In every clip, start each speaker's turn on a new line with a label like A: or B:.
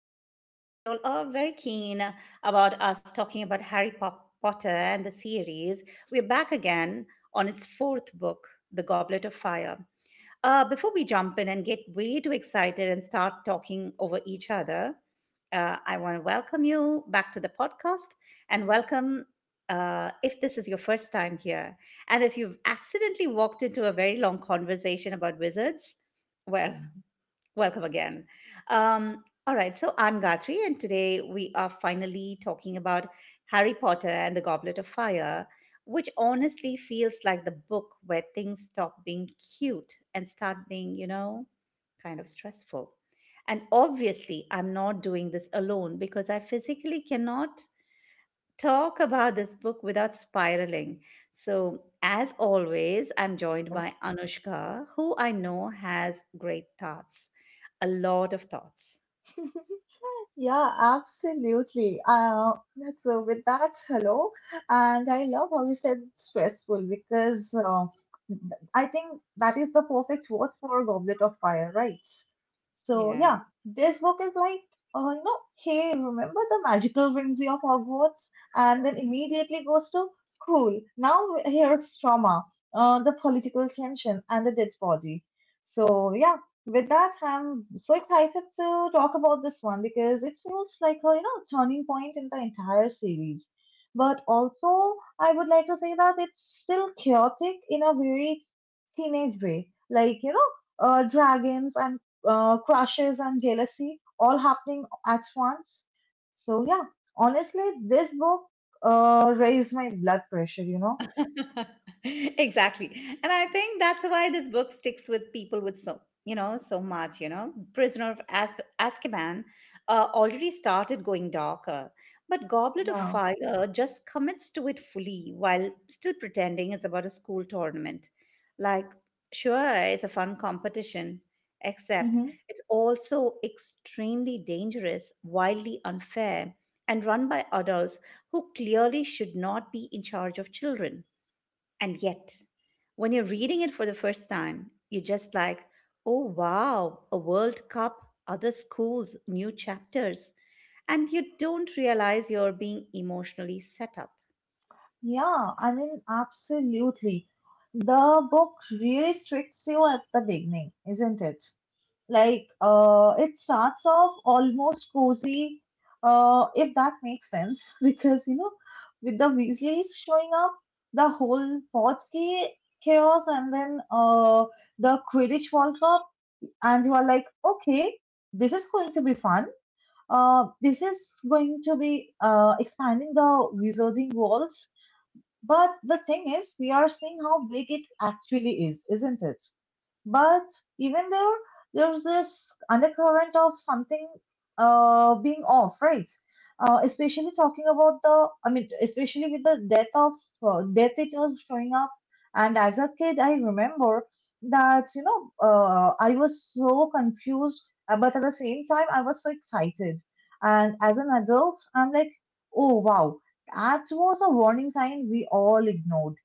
A: Since you all are very keen about us talking about Potter and the series, we're back again on its fourth book, The Goblet of Fire. Before we jump in and get way too excited and start talking over each other, I want to welcome you back to the podcast and welcome if this is your first time here. And if you've accidentally walked into a very long conversation about wizards, well, welcome again. All right, so I'm Gatri, and today we are finally talking about Harry Potter and the Goblet of Fire, which honestly feels like the book where things stop being cute and start being, kind of stressful. And obviously, I'm not doing this alone because I physically cannot talk about this book without spiraling. So, as always, I'm joined by Anushka, who I know has great thoughts, a lot of thoughts.
B: Mhm. Yeah, absolutely. So with that, hello. And I love how you said stressful because th- I think that is the perfect word for Goblet of Fire, right? So yeah, this book is like, hey, remember the magical whimsy of Hogwarts? And then immediately goes to, cool, now here's trauma, the political tension, and the dead body. So yeah, with that, I'm so excited to talk about this one because it feels like a turning point in the entire series. But also, I would like to say that it's still chaotic in a very teenage way, like dragons and crushes and jealousy all happening at once. So yeah, honestly, this book raised my blood pressure.
A: Exactly. And I think that's why this book sticks with people with so much. Prisoner of Azkaban already started going darker, but Goblet of
B: Yeah.
A: Fire just commits to it fully while still pretending it's about a school tournament. Like, sure, it's a fun competition, except
B: Mm-hmm.
A: it's also extremely dangerous, wildly unfair, and run by adults who clearly should not be in charge of children. And yet, when you're reading it for the first time, you're just like, oh wow, a World Cup, other schools, new chapters. And you don't realize you're being emotionally set up.
B: Yeah, I mean, absolutely. The book really tricks you at the beginning, isn't it? Like, it starts off almost cozy, if that makes sense, because with the Weasleys showing up, the whole Potsky chaos, and then the Quidditch World Cup, and you are like, okay, this is going to be fun. This is going to be expanding the wizarding world, but the thing is, we are seeing how big it actually is, isn't it? But even there, there's this undercurrent of something being off, right? Especially talking about especially with the death of death it was showing up. And as a kid, I remember that I was so confused, but at the same time, I was so excited. And as an adult, I'm like, oh wow, that was a warning sign we all ignored,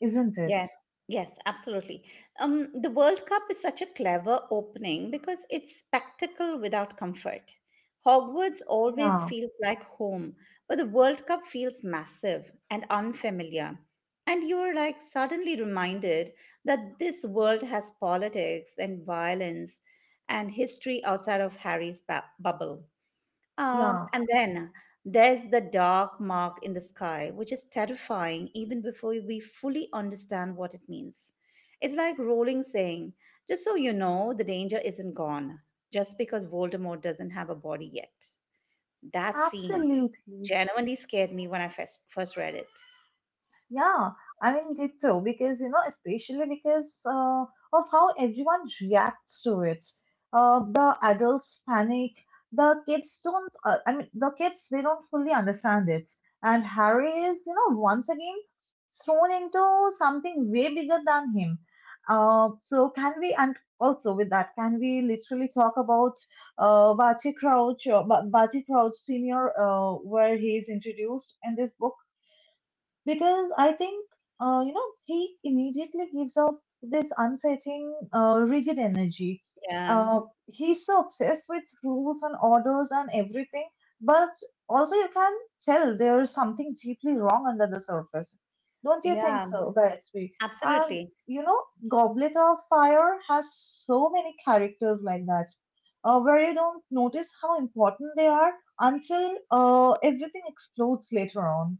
B: isn't it?
A: Yes, yes, absolutely. The World Cup is such a clever opening because it's spectacle without comfort. Hogwarts always
B: Yeah,
A: feels like home, but the World Cup feels massive and unfamiliar. And you're like suddenly reminded that this world has politics and violence and history outside of bubble. Um,
B: yeah.
A: and then there's the dark mark in the sky, which is terrifying even before we fully understand what it means. It's like Rowling saying, just so you know, the danger isn't gone, just because Voldemort doesn't have a body yet. That scene
B: Absolutely.
A: genuinely scared me when I first read it.
B: Yeah, I mean, ditto, because, you know, especially because of how everyone reacts to it. The adults panic, the kids don't, the kids, they don't fully understand it. And Harry is, you know, once again thrown into something way bigger than him. And also with that, can we literally talk about Bachi Crouch Senior, where he's introduced in this book? Because I think you know he immediately gives off this unsettling, rigid energy.
A: Yeah,
B: He's so obsessed with rules and orders and everything, but also you can tell there is something deeply wrong under the surface. Don't you think
A: yeah,
B: so, Gayatri? And
A: absolutely.
B: you know, Goblet of Fire has so many characters like that, where you don't notice how important they are until everything explodes later on.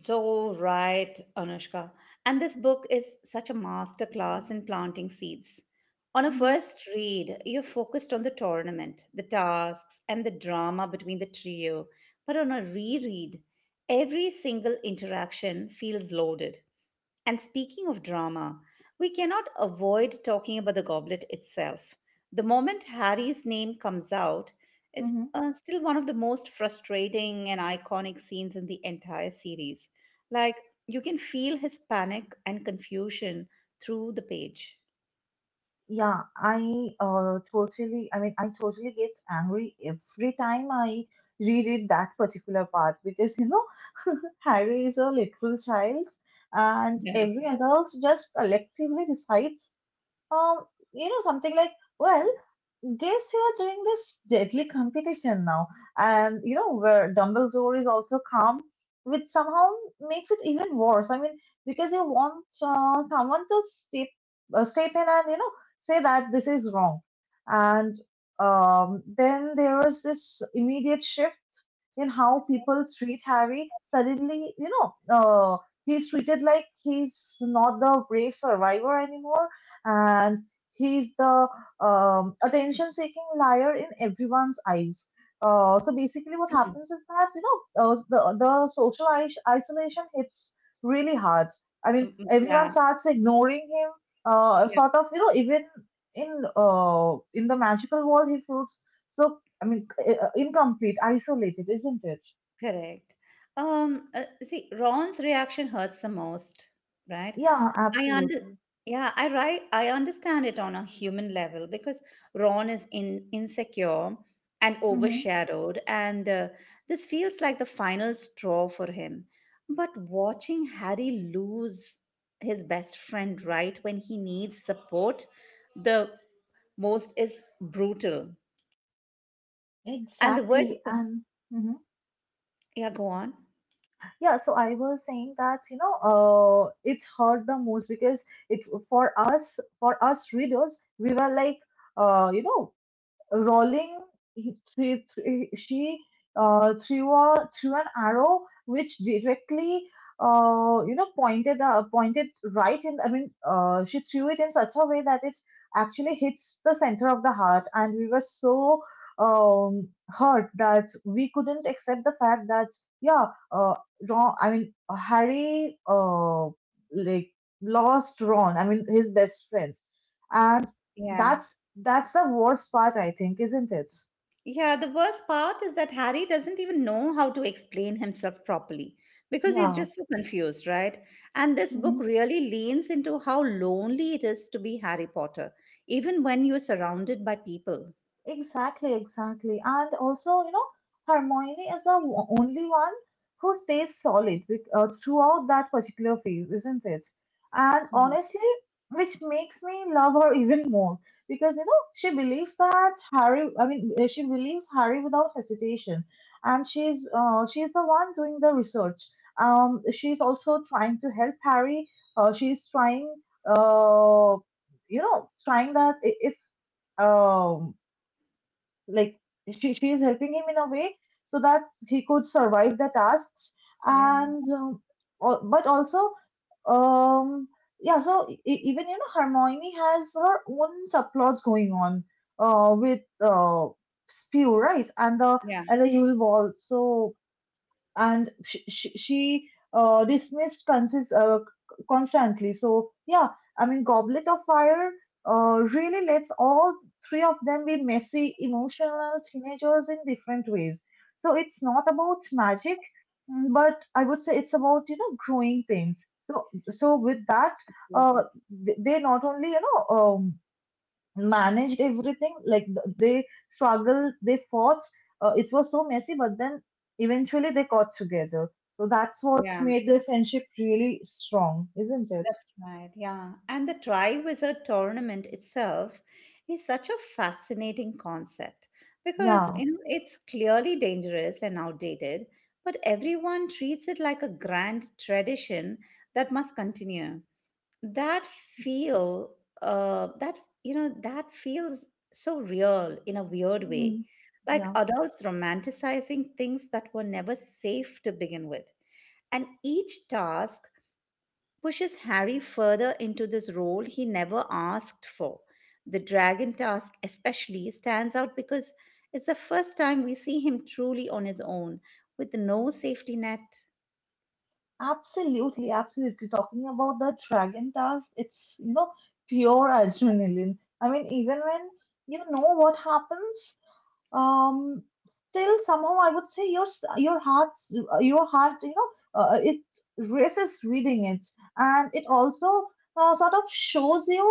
A: So right, Anushka. And this book is such a masterclass in planting seeds. On a
B: Hmm.
A: first read, you're focused on the tournament, the tasks, and the drama between the trio. But on a reread, every single interaction feels loaded. And speaking of drama, we cannot avoid talking about the goblet itself. The moment Harry's name comes out is still one of the most frustrating and iconic scenes in the entire series. Like, you can feel his panic and confusion through the page.
B: Yeah, I I totally get angry every time I reread that particular part because, you know, Harry is a literal child and
A: Yeah.
B: every adult just collectively decides, um, you know, something like, well, guess you are doing this deadly competition now. And you know, where Dumbledore is also calm, which somehow makes it even worse. I mean, because you want step in and say that this is wrong. And then there is this immediate shift in how people treat Harry. Suddenly, know, uh, he's treated like he's not the brave survivor anymore, and he's the attention seeking liar in everyone's eyes. So basically, what
A: Mm,
B: happens is that the social isolation hits really hard. I
A: mm,
B: mean,
A: mm.
B: everyone
A: Yeah,
B: starts ignoring him.
A: yeah,
B: Sort of, you know, even in the magical world, he feels so. I mean, incomplete, isolated, isn't it?
A: correct. See, Ron's reaction hurts the most, right?
B: Yeah,
A: I under
B: absolutely.
A: yeah, I right I understand it on a human level because Ron is in insecure and
B: Hmm.
A: overshadowed, and this feels like the final straw for him. But watching Harry lose his best friend right when he needs support the most is brutal. And the worst.
B: Exactly, and. Mhm.
A: Yeah, go on.
B: Yeah, so I was saying that, you know, it hurt the most because it for for us readers, we were like, uh, you know, Rolling, he- she, she she, threw an arrow which directly, pointed right in. I mean, she threw it in such a way that it actually hits the center of the heart, and we were so hurt that we couldn't accept the fact that yeah, uh, Harry, like lost Ron. I mean, his best friend and
A: Yeah.
B: that's that's the worst part, I think, isn't it?
A: Yeah, the worst part is that Harry doesn't even know how to explain himself properly because he's
B: Yeah.
A: just so confused, right? And this book
B: Mhm.
A: really leans into how lonely it is to be Harry Potter, even when you're surrounded by people.
B: Exactly, exactly. And also, you know, Hermione is the only one who stays solid throughout that particular phase, isn't it? And
A: Mhm.
B: honestly, which makes me love her even more because, you know, she believes that Harry, I mean, she believes Harry without hesitation. And she's the one doing the research. She's also trying to help Harry. She's trying, uh, you know, trying that I- if um, like she is helping him in a way so that he could survive the tasks
A: Yeah.
B: and but also um, yeah, so e- e- even you know Hermione has her own subplots going on with spew, right,
A: Yeah.
B: and the Yule Ball. So and she dismissed constantly. So yeah, I mean, Goblet of Fire really lets all three of them be messy, emotional teenagers in different ways. So it's not about magic, mm, but I would say it's about you know growing pains. So so with that, uh,
A: Beautiful.
B: they not only you know. Managed everything. Like they struggled, they fought. It was so messy, but then eventually they got together. So that's what
A: Yeah.
B: made their friendship really strong, isn't it?
A: That's right, yeah. And the Tri Wizard tournament itself is such a fascinating concept because
B: Yeah.
A: it's clearly dangerous and outdated, but everyone treats it like a grand tradition that must continue. That feel, that you know, that feels so real in a weird way,
B: Hmm.
A: like
B: Yeah.
A: adults romanticizing things that were never safe to begin with. And each task pushes Harry further into this role he never asked for. The dragon task, especially, stands out because it's the first time we see him truly on his own, with no safety net.
B: Absolutely, absolutely. Talking about the Dragon Task, it's, you know, pure adrenaline. I mean, even when you know what happens, um, still somehow I would say your heart you know it races reading it, and it also sort of shows you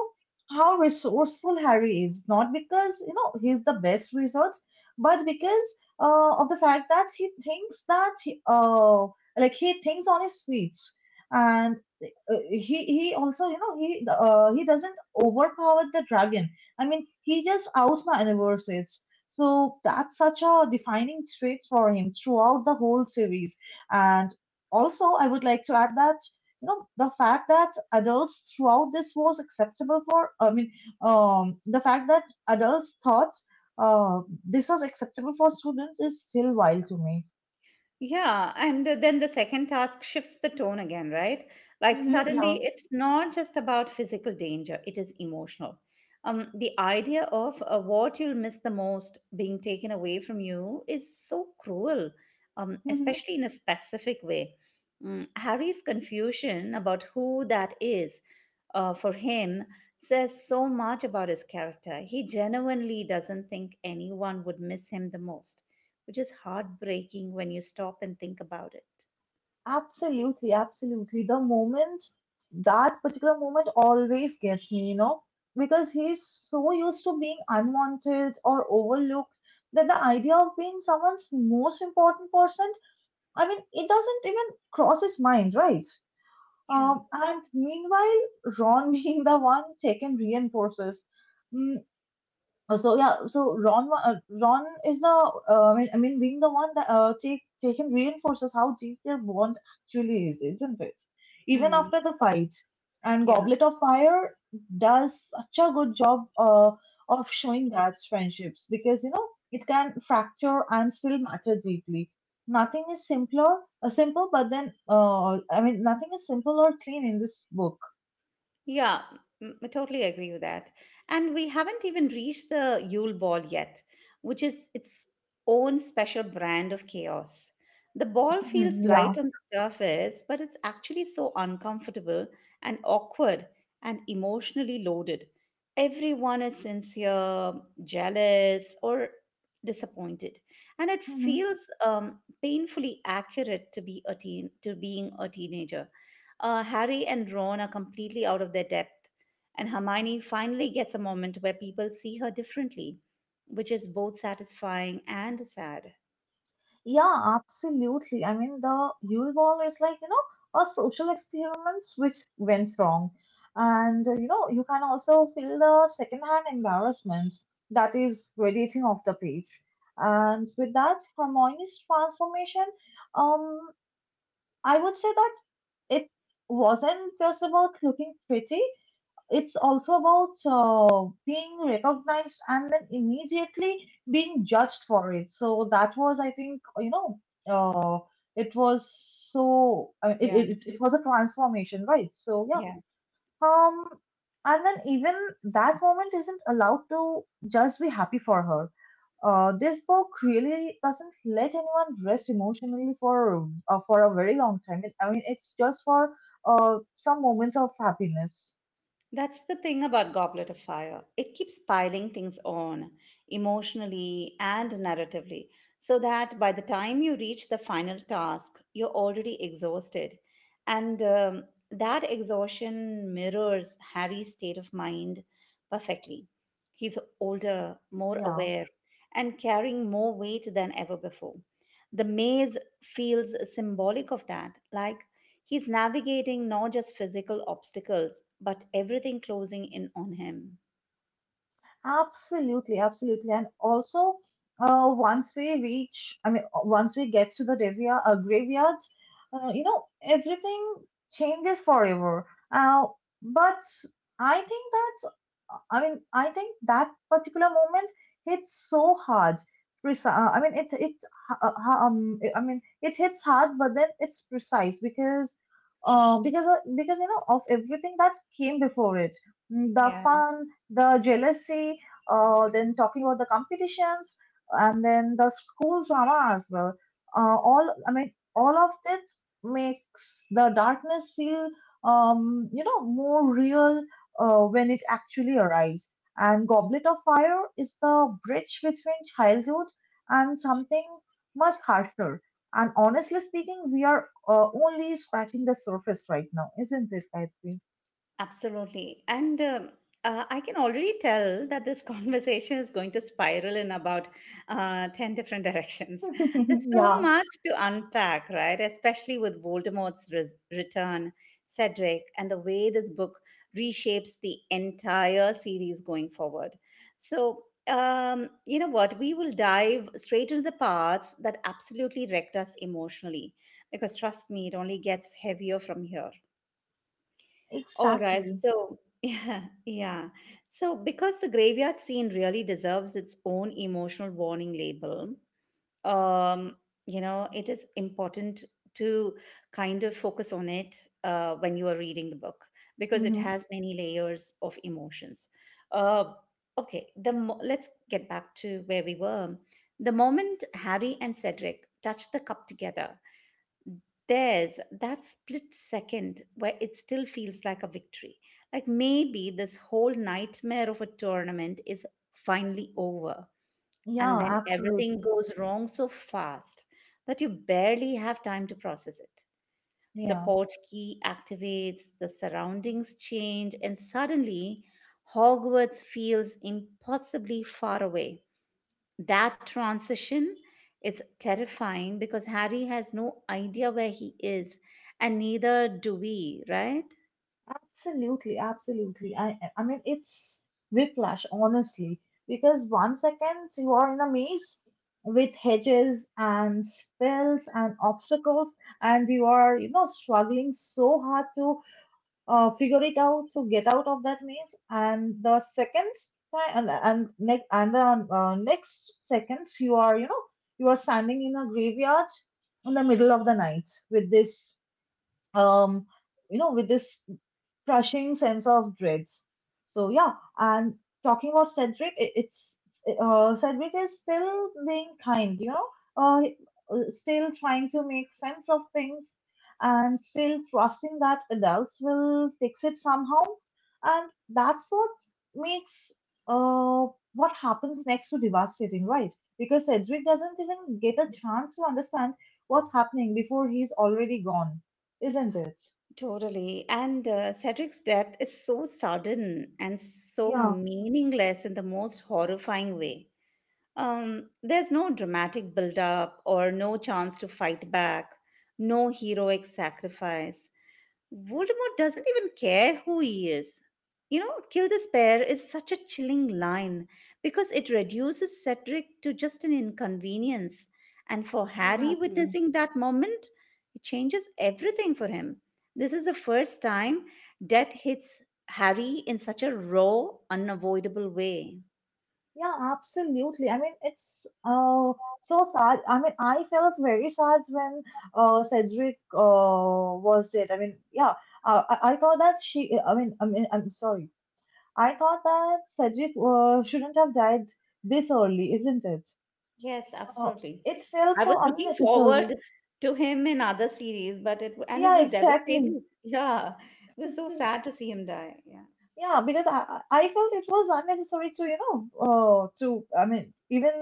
B: how resourceful Harry is, not because you know he's the best wizard, but because of the fact that he thinks that he, like he thinks on his feet and he also you know he doesn't overpower the dragon, I mean he just outmaneuvers it. So that's such a defining trait for him throughout the whole series. And also, I would like to add that you know the fact that adults throughout this was acceptable for. I mean, the fact that adults thought this was acceptable for students is still wild to me.
A: Yeah, and then the second task shifts the tone again, right? Like
B: Mm-hmm,
A: suddenly
B: yeah.
A: it's not just about physical danger, it is emotional. The idea of what you'll miss the most being taken away from you is so cruel, especially in a specific way. Harry's confusion about who that is for him says so much about his character. He genuinely doesn't think anyone would miss him the most, which is heartbreaking when you stop and think about it.
B: Absolutely, absolutely. The moment, that particular moment always gets me, you know, because he's so used to being unwanted or overlooked that the idea of being someone's most important person, I mean, it doesn't even cross his mind, right?
A: Yeah.
B: And meanwhile, Ron being the one taken reinforces. So yeah, so Ron is the being the one that taken reinforces how deep their bond actually is, isn't it? Even
A: Mm.
B: after the fight, and
A: Yeah.
B: Goblet of Fire does such a good job of showing that friendships, because you know it can fracture and still matter deeply. Nothing is simpler, simple, but then I mean nothing is simple or clean in this book.
A: Yeah, I totally agree with that. And we haven't even reached the Yule Ball yet, which is its own special brand of chaos. The ball feels light
B: Yeah.
A: on the surface, but it's actually so uncomfortable and awkward and emotionally loaded. Everyone is sincere, jealous, or disappointed, and it
B: Mm-hmm.
A: feels painfully accurate to being a teenager. Harry and Ron are completely out of their depth, and Hermione finally gets a moment where people see her differently, which is both satisfying and sad.
B: Yeah, absolutely. I mean, the Yule Ball is like, you know, a social experiment which went wrong. And, you know, you can also feel the secondhand embarrassment that is radiating off the page. And with that, Hermione's transformation, um, I would say that it wasn't just about looking pretty, it's also about being recognized and then immediately being judged for it. So that was, I think, you know, uh, it was
A: Yeah.
B: it was a transformation, right? So yeah,
A: Yeah.
B: um, and then even that moment isn't allowed to just be happy for her. This book really doesn't let anyone rest emotionally for a very long time. It, I mean, it's just for some moments of happiness.
A: That's the thing about Goblet of Fire. It keeps piling things on, emotionally and narratively, so that by the time you reach the final task, you're already exhausted. And that exhaustion mirrors Harry's state of mind perfectly. He's older, more
B: Yeah.
A: aware, and carrying more weight than ever before. The maze feels symbolic of that, like he's navigating not just physical obstacles, but everything closing in on him.
B: Absolutely, absolutely. And also, once we reach, I mean, once we get to the graveyard, you know, everything changes forever. Uh, but I think that, I mean, I think that particular moment hits so hard. Preci- I mean, it I mean, It hits hard, but then it's precise because, because you know of everything that came before it, mm, the
A: Yeah,
B: fun, the jealousy, then talking about the competitions, and then the school drama as well. All of that makes the darkness feel, you know, more real when it actually arrives. And Goblet of Fire is the bridge between childhood and something much harsher. And honestly speaking, we are only scratching the surface right now, isn't it, Gayatri?
A: absolutely. And I can already tell that this conversation is going to spiral in about 10 different directions. There's so
B: Yeah,
A: much to unpack, right? Especially with return, Cedric, and the way this book reshapes the entire series going forward. So, you know what? We will dive straight into the parts that absolutely wrecked us emotionally because trust me, it only gets heavier from here. All right.
B: exactly.
A: So, yeah, yeah. So, because the graveyard scene really deserves its own emotional warning label, um, it is important to kind of focus on it when you are reading the book because it has many layers of emotions. Uh, okay, let's get back to where we were. The moment Harry and Cedric touch the cup together, there's that split second where it still feels like a victory. Like maybe this whole nightmare of a tournament is finally over.
B: Yeah,
A: And then everything
B: absolutely.
A: goes wrong so fast that you barely have time to process it. The
B: Yeah,
A: port key activates, the surroundings change, and suddenly Hogwarts feels impossibly far away. That transition is terrifying because Harry has no idea where he is, and neither do we, right?
B: absolutely, absolutely. I mean it's whiplash, honestly, because one second you are in a maze with hedges and spills and obstacles, and you are, struggling so hard to figure it out to get out of that maze, and the second time and next and the next second you are, you are standing in a graveyard in the middle of the night with this um, with this crushing sense of dreads. So yeah, and talking about Cedric, it, it's Cedric is still being kind, uh, still trying to make sense of things, and still trusting that adults will fix it somehow, and that's what makes uh what happens next to devastating, right? Because Cedric doesn't even get a chance to understand what's happening before he's already gone, isn't it?
A: Totally. And Cedric's death is so sudden and so
B: Yeah,
A: meaningless in the most horrifying way. There's no dramatic build up or no chance to fight back, no heroic sacrifice. Voldemort doesn't even care who he is. You know, kill this pair is such a chilling line because it reduces Cedric to just an inconvenience. And for Harry
B: exactly.
A: witnessing that moment, it changes everything for him. This is the first time death hits Harry in such a raw, unavoidable way.
B: Yeah, absolutely. I mean, it's so sad. I mean, I felt very sad when Cedric was dead. I mean, yeah, I thought that she. I mean, I'm sorry. I thought that Cedric shouldn't have died this early, isn't it?
A: Yes,
B: Uh,
A: absolutely.
B: it felt
A: I was
B: so
A: looking
B: unnecessary.
A: forward to him in other series, but it
B: Yeah,
A: was
B: exactly.
A: devastating. Yeah, it was so sad to see him die. Yeah,
B: Yeah, because I felt it was unnecessary to to I mean even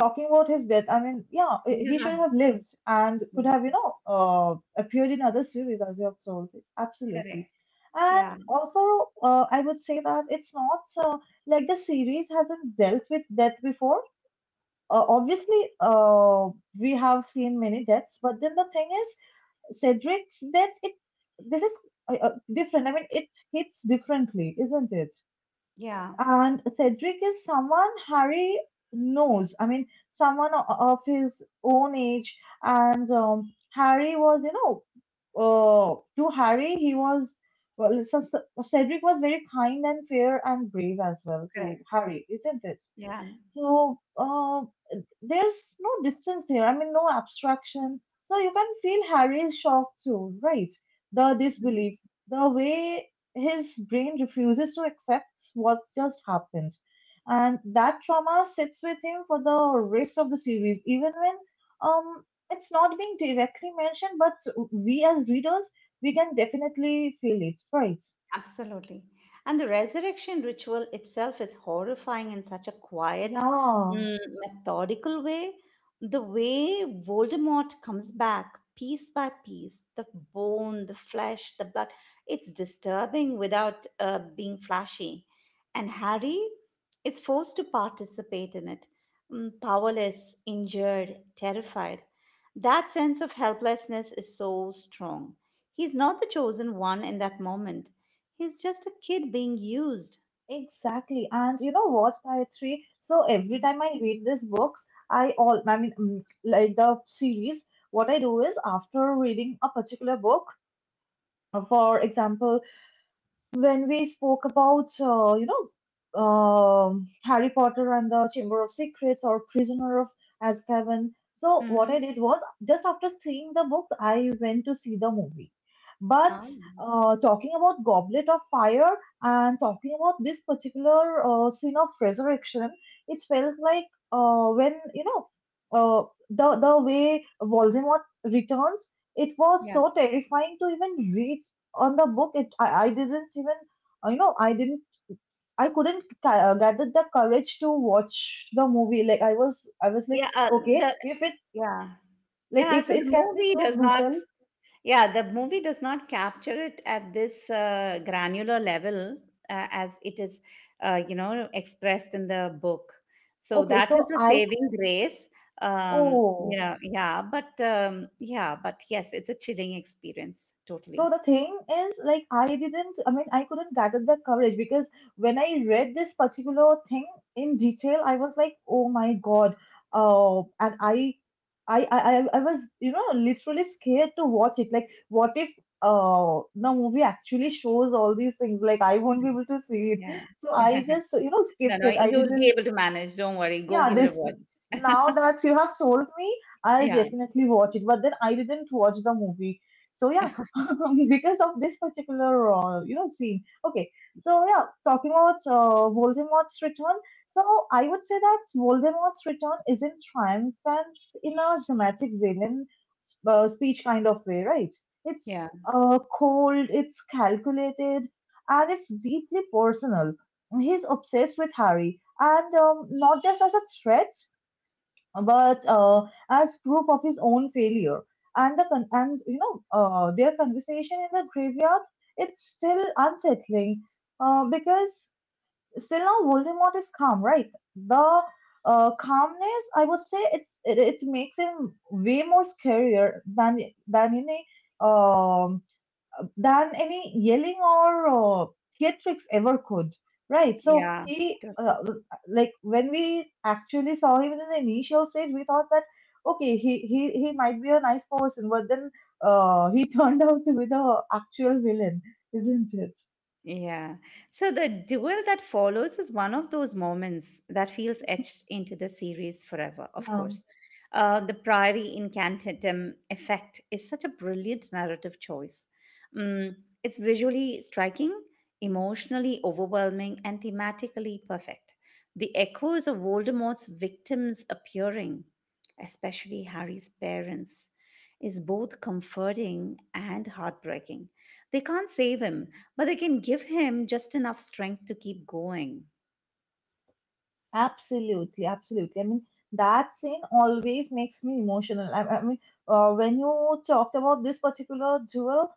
B: talking about his death, I mean, yeah, he should
A: yeah,
B: have lived and
A: yeah.
B: could have, appeared in other series as you have told. Absolutely.
A: Correct.
B: And
A: Yeah,
B: also, I would say that it's not like the series hasn't dealt with death before. Obviously, we have seen many deaths, but then the thing is, Cedric's death, it there is different. I mean, it hits differently, isn't it?
A: yeah,
B: And Cedric is someone Harry knows. I mean, someone of his own age. And Harry was, to Harry, he was, well, Cedric was very kind and fair and brave as well to
A: correct.
B: Harry, isn't it?
A: Yeah.
B: So uh, there's no distance here. I mean, no abstraction. So you can feel Harry's shock too, right? The
A: Mhm.
B: disbelief, the way his brain refuses to accept what just happened. And that trauma sits with him for the rest of the series, even when um, it's not being directly mentioned, but we as readers, we can definitely feel it, right?
A: Absolutely. And the resurrection ritual itself is horrifying in such a quiet,
B: Yeah,
A: mm, methodical way. The way Voldemort comes back piece by piece, the bone, the flesh, the blood, it's disturbing without being flashy. And Harry is forced to participate in it, powerless, injured, terrified. That sense of helplessness is so strong. He's not the chosen one in that moment. He's just a kid being used.
B: exactly. And you know what, Gayatri? So every
A: Mhm.
B: time I read these books, I all I mean mm, like the series, what I do is after reading a particular book, for example, when we spoke about Harry Potter and the Chamber of Secrets or Prisoner of Azkaban. So what I
A: Mhm.
B: did was just after seeing the book, I went to see the movie. But
A: Oh,
B: talking about Goblet of Fire and talking about this particular scene of resurrection, it felt like when uh, the way Voldemort returns, it was
A: yeah.
B: so terrifying to even read on the book I didn't even you know I didn't I couldn't gather the courage to watch the movie. Like I was like,
A: Yeah,
B: okay,
A: the
B: if it's
A: yeah.
B: like
A: Yeah,
B: if
A: so the
B: it can be
A: movie
B: so
A: does not.
B: brutal.
A: Yeah, the movie does not capture it at this granular level as it is expressed in the book. So
B: Okay
A: that is
B: so
A: a
B: I
A: saving grace.
B: oh
A: Yeah, but yes, it's a chilling experience
B: So
A: totally.
B: the thing is, like, I mean, I couldn't gather the coverage because when I read this particular thing in detail, I was like, oh my God. And I was, literally scared to watch it. Like, what if the movie actually shows all these things? Like, I won't be
A: Mm.
B: able to see it.
A: Yeah.
B: So I just,
A: No,
B: skipped
A: no,
B: it. I
A: you'll be
B: didn't
A: able to manage. Don't worry. Go
B: Yeah,
A: give it a
B: this,
A: watch.
B: now that you have told me, I'll
A: Yeah.
B: definitely watch it. But then I didn't watch the movie. So yeah, because of this particular scene. Okay, so yeah, talking about Voldemort's return. So I would say that Voldemort's return isn't triumphant in a dramatic villain speech kind of way, right?
A: Yeah.
B: It's cold, it's calculated, and it's deeply personal. He's obsessed with Harry and not just as a threat, but as proof of his own failure. And you know their conversation in the graveyard, it's still unsettling because still now Voldemort is calm, right? The calmness, I would say, it makes him way more scarier than in a than any yelling or theatrics ever could, right? So
A: Yeah.
B: he like when we actually saw him in the initial stage, we thought that okay, he might be a nice person, but then he turned out to be the actual villain, isn't it?
A: Yeah. So the duel that follows is one of those moments that feels etched into the series forever, of
B: Yeah.
A: course. The Priory Incantatem effect is such a brilliant narrative choice. Mm, it's visually striking, emotionally overwhelming, and thematically perfect. The echoes of Voldemort's victims appearing, especially Harry's parents, is both comforting and heartbreaking. They can't save him, but they can give him just enough strength to keep going.
B: Absolutely, absolutely. I mean, that scene always makes me emotional. I mean, when you talked about this particular duel,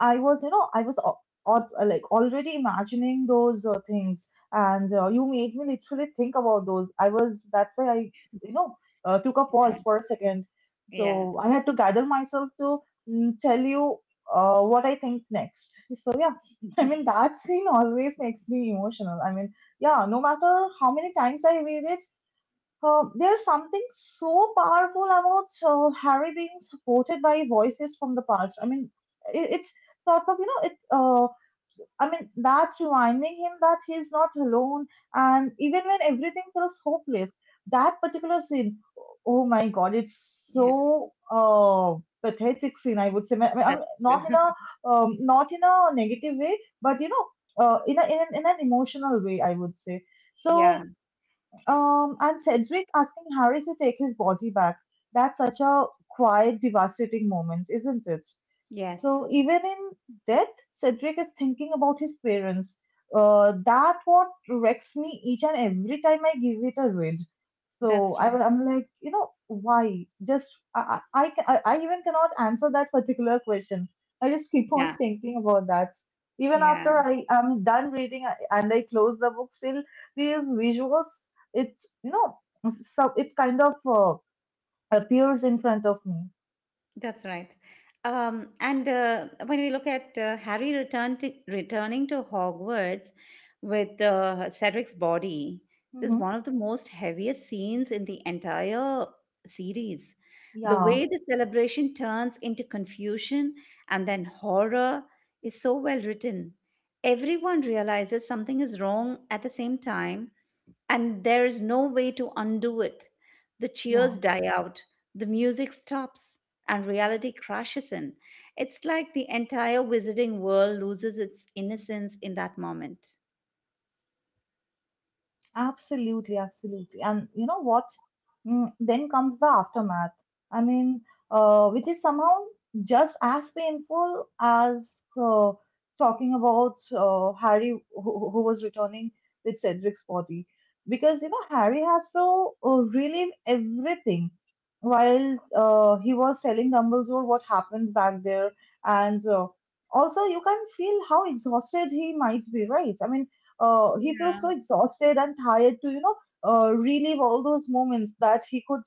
B: I was, I was like already imagining those things, and you made me literally think about those. I was, that's why I, you know, took a
A: Yeah,
B: pause for a second.
A: yeah,
B: So I had to gather myself to tell you what I think next. So, yeah, I mean, that scene always makes me emotional. I mean, yeah, no matter how many times I read it, there's something so powerful about Harry being supported by voices from the past. I mean, it's sort of, you know, I mean, that's reminding him that he's not alone. And even when everything feels hopeless, that particular scene, oh my God, it's
A: yeah.
B: so uh, pathetic scene, I would say. I mean,
A: That's
B: not in
A: true.
B: a um, not in a negative way, but you know, in in an emotional way, I would say.
A: Yeah,
B: So and Sedgwick asking Harry to take his body back. That's such a quiet, devastating moment, isn't it?
A: yes,
B: So even in death, Cedric is thinking about his parents. That what wrecks me each and every time I give it a read. So
A: that's
B: I
A: right.
B: was, I'm like, you know, why? Just I, ca- I even cannot answer that particular question. I just keep on
A: Yeah,
B: thinking about that. Even
A: yeah.
B: after I am done reading and I close the book, still these visuals, it you know, so it kind of appears in front of me.
A: That's right. And when we look at returning to Hogwarts with Cedric's body, it is
B: Hmm.
A: one of the most heaviest scenes in the entire series. The
B: Yeah,
A: way the celebration turns into confusion and then horror is so well written. Everyone realizes something is wrong at the same time, and there is no way to undo it. The cheers die
B: yeah.
A: out, the music stops, and reality crashes in. It's like the entire wizarding world loses its innocence in that moment.
B: Absolutely, absolutely. And you know what? Then comes the aftermath. I mean, which is somehow just as painful as talking about Harry, who was returning with Cedric's body. Because, you know, Harry has to relive everything while he was telling Dumbledore what happened back there. And also, you can feel how exhausted he might be, right? I mean, he feels so exhausted and tired to relive all those moments that he could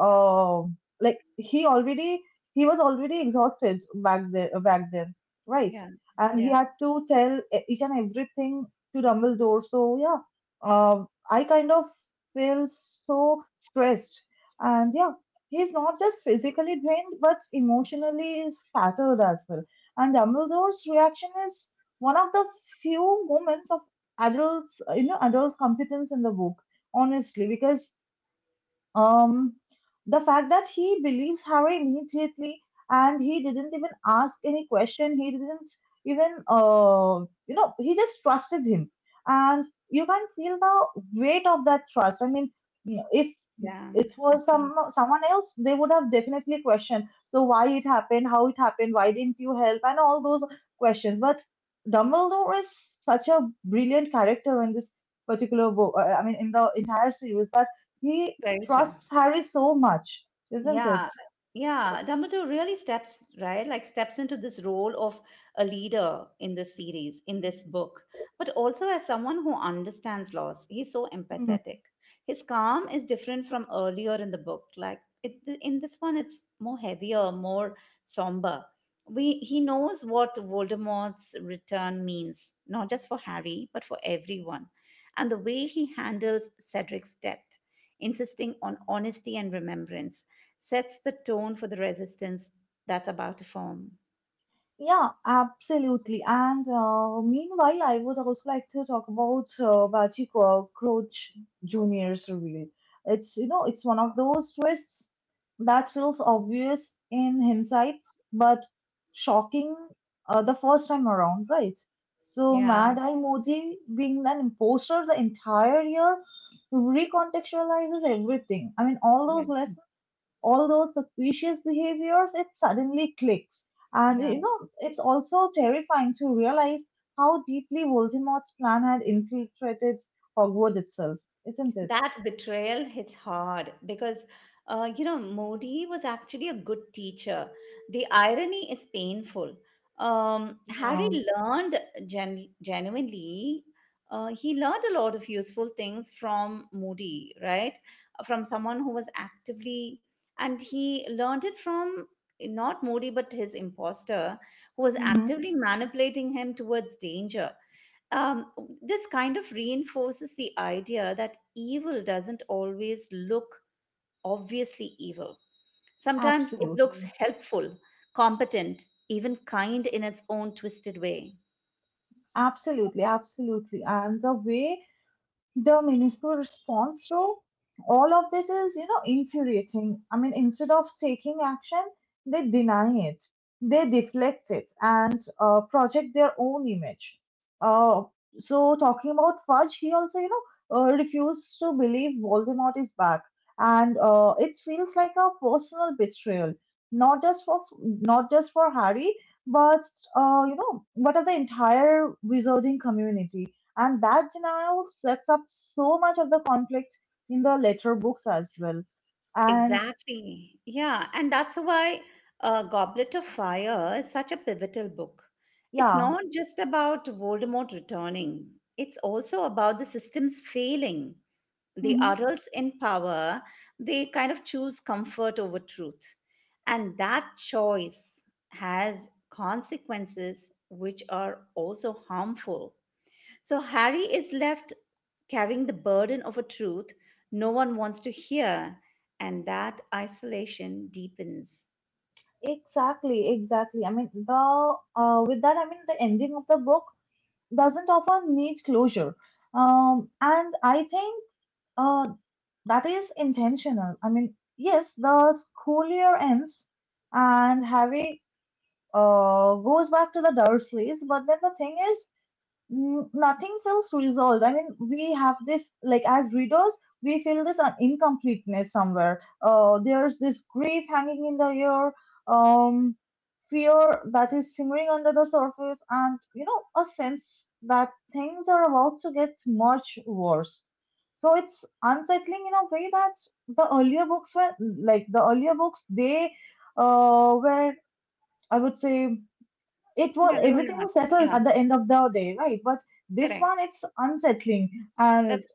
B: uh, like he already he was already exhausted back there back then, right?
A: Yeah,
B: And he
A: yeah,
B: had to tell each and everything to Dumbledore. So yeah, I kind of feel so stressed, and yeah, he's not just physically drained but emotionally is fattled as well. And Dumbledore's reaction is one of the few moments of adults, you know, adult competence in the book, honestly, because um, the fact that he believes her immediately, and he didn't even ask any question, he didn't even, he just trusted him. And you can feel the weight of that trust. I mean, if
A: yeah,
B: it was
A: absolutely.
B: someone else, they would have definitely questioned. So why it happened, how it happened, why didn't you help, and all those questions. But Dumbledore is such a brilliant character in this particular book. I mean, in the entire series, that he
A: Very true.
B: trusts Harry so much, isn't it?
A: Yeah, yeah. Dumbledore really steps, right? Like steps into this role of a leader in this series, in this book, but also as someone who understands loss. He's so
B: Hmm.
A: empathetic. His calm is different from earlier in the book. In this one, it's more heavier, more somber. He knows what Voldemort's return means, not just for Harry, but for everyone. And the way he handles Cedric's death, insisting on honesty and remembrance sets the tone for the resistance that's about to form.
B: Yeah, absolutely. And meanwhile, I would also like to talk about Baji Crouch Jr.'s reveal. It's, you know, it's one of those twists that feels obvious in hindsight, but shocking the first time around, right? So,
A: Yeah.
B: Mad Eye Moody being an imposter the entire year recontextualizes everything. I mean, all those suspicious behaviors, it suddenly clicks. And you
A: Yes.
B: know, it's also terrifying to realize how deeply Voldemort's plan had infiltrated Hogwarts itself, isn't it?
A: That betrayal hits hard because, you know, Modi was actually a good teacher. The irony is painful. Harry
B: Yeah,
A: learned genuinely, he learned a lot of useful things from Modi, right? From someone who was actively, and he learned it from not Modi, but his imposter who was
B: hmm,
A: actively manipulating him towards danger. um, this kind of reinforces the idea that evil doesn't always look obviously evil. Sometimes it looks
B: absolutely.
A: helpful, competent, even kind in its own twisted way.
B: Absolutely, absolutely. And the way the municipal response. So all of this is, you know, infuriating. I mean, instead of taking action, they deny it, they deflect it, and project their own image. Uh, so talking about Fudge, he also, you know, refused to believe Voldemort is back, and it feels like a personal betrayal, not just for Harry, but but of the entire wizarding community. And that denial sets up so much of the conflict in the later books as well. And
A: Exactly. Yeah. And that's why Goblet of Fire is such a pivotal book. It's
B: yeah,
A: not just about Voldemort returning, it's also about the system's failing the
B: mhm.
A: adults in power. They kind of choose comfort over truth, and that choice has consequences which are also harmful. So Harry is left carrying the burden of a truth no one wants to hear, and that isolation deepens.
B: Exactly, exactly. I mean, the with that, I mean, the ending of the book doesn't offer neat closure. And I think uh, that is intentional. I mean, yes, the school year ends and Harry goes back to the Dursleys, but then the thing is, nothing feels resolved. I mean, we have this, like, as readers, we feel this incompleteness somewhere. There's this grief hanging in the air, um, fear that is simmering under the surface, and, you know, a sense that things are about to get much worse. So it's unsettling in a way that the earlier books were, like, the earlier books, they uh, were, I would say, it was
A: Yeah, they were
B: everything
A: not.
B: was settled
A: Yeah,
B: at the end of the day, right? But this one,
A: correct.
B: it's unsettling, and
A: That's...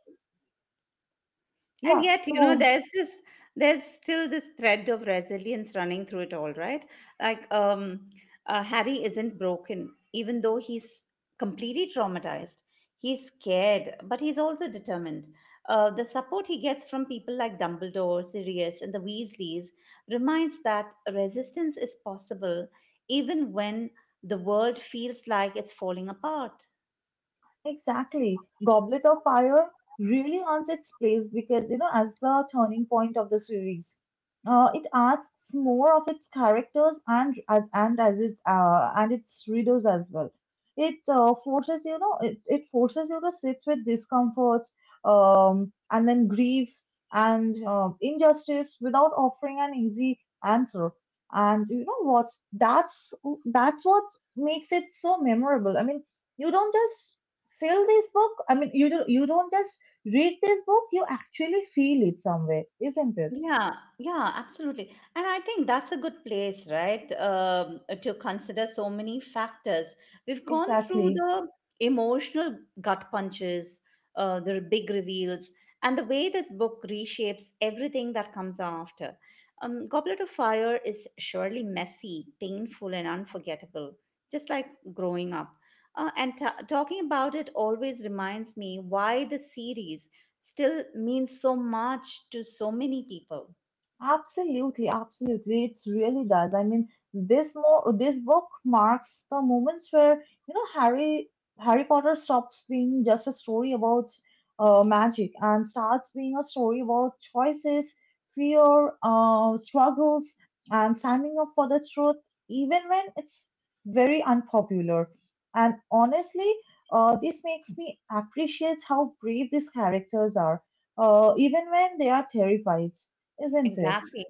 A: And
B: yeah.
A: yet, you know,
B: So
A: there's this, there's still this thread of resilience running through it all, right? Like, um, Harry isn't broken, even though he's completely traumatized. He's scared, but he's also determined. The support he gets from people like Dumbledore, Sirius, and the Weasleys reminds that resistance is possible even when the world feels like it's falling apart.
B: exactly. Goblet of Fire really earns its place because, you know, as the turning point of the series, it asks more of its characters and as it and its readers as well. It forces, you know, it forces you to sit with discomfort, and then grief and injustice without offering an easy answer. And you know what? That's what makes it so memorable. I mean, you don't just feel this book I mean you don't just read this book, you actually feel it somewhere, isn't it?
A: Yeah, yeah, absolutely. And I think that's a good place, right? To consider so many factors. We've gone through
B: Exactly.
A: the emotional gut punches, the big reveals, and the way this book reshapes everything that comes after. Goblet of Fire is surely messy, painful, and unforgettable, just like growing up. And ta talking about it always reminds me why the series still means so much to so many people.
B: Absolutely, absolutely. It really does. I mean, this book marks the moments where, you know, Harry Potter stops being just a story about magic and starts being a story about choices, fear, struggles, and standing up for the truth, even when it's very unpopular. And honestly, this makes me appreciate how brave these characters are, even when they are terrified, isn't it?
A: Exactly.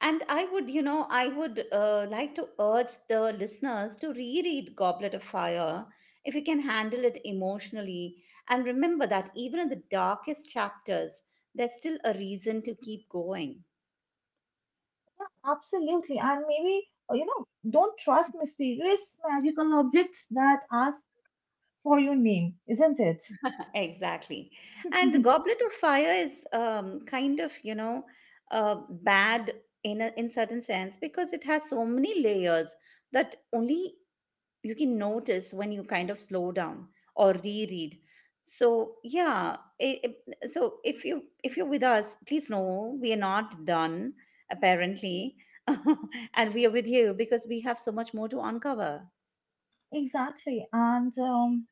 A: And I would, you know, I would like to urge the listeners to reread Goblet of Fire if you can handle it emotionally. And remember that even in the darkest chapters, there's still a reason to keep going.
B: Absolutely. And maybe, you know, don't trust mysterious magical objects that ask for your name, isn't it?
A: Exactly. And the Goblet of Fire is kind of, you know, bad in a in certain sense because it has so many layers that only you can notice when you kind of slow down or reread. So yeah, so if you if you're with us, please know we are not done apparently and we are with you because we have so much more to uncover.
B: Exactly. And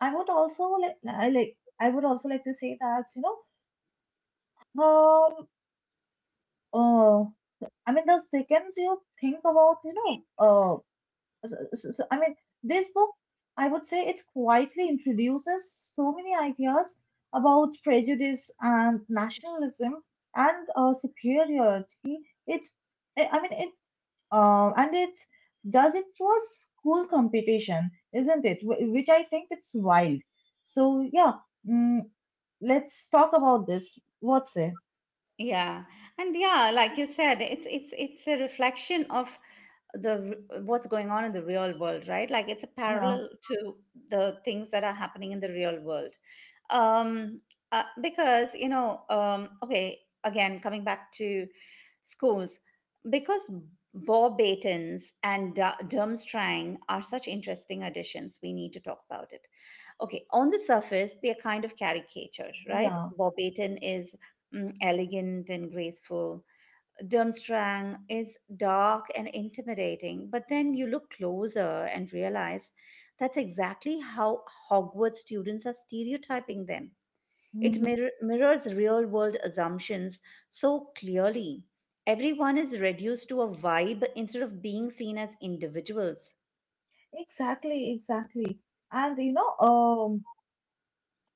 B: I would also I would also like to say that, know, um, uh, I mean, the second you think about, you know, I mean, this book, I would say it quietly introduces so many ideas about prejudice and nationalism and superiority. It, I mean, it, and it does it through a school competition, isn't it? Which I think it's wild. So yeah, mm, let's talk about this. What's it?
A: Yeah, and yeah, like you said, it's it's a reflection of the what's going on in the real world, right? Like it's a
B: Yeah,
A: parallel to the things that are happening in the real world. um because you know, okay, again coming back to schools, because Bob Batons and Durmstrang are such interesting additions, we need to talk about it. Okay, on the surface they're kind of caricature, right?
B: yeah,
A: Bob Baton is elegant and graceful. Durmstrang is dark and intimidating, but then you look closer and realize that's exactly how Hogwarts students are stereotyping them. it
B: mhm.
A: mir- mirrors real world assumptions so clearly. Everyone is reduced to a vibe instead of being seen as individuals.
B: Exactly, exactly. And you know,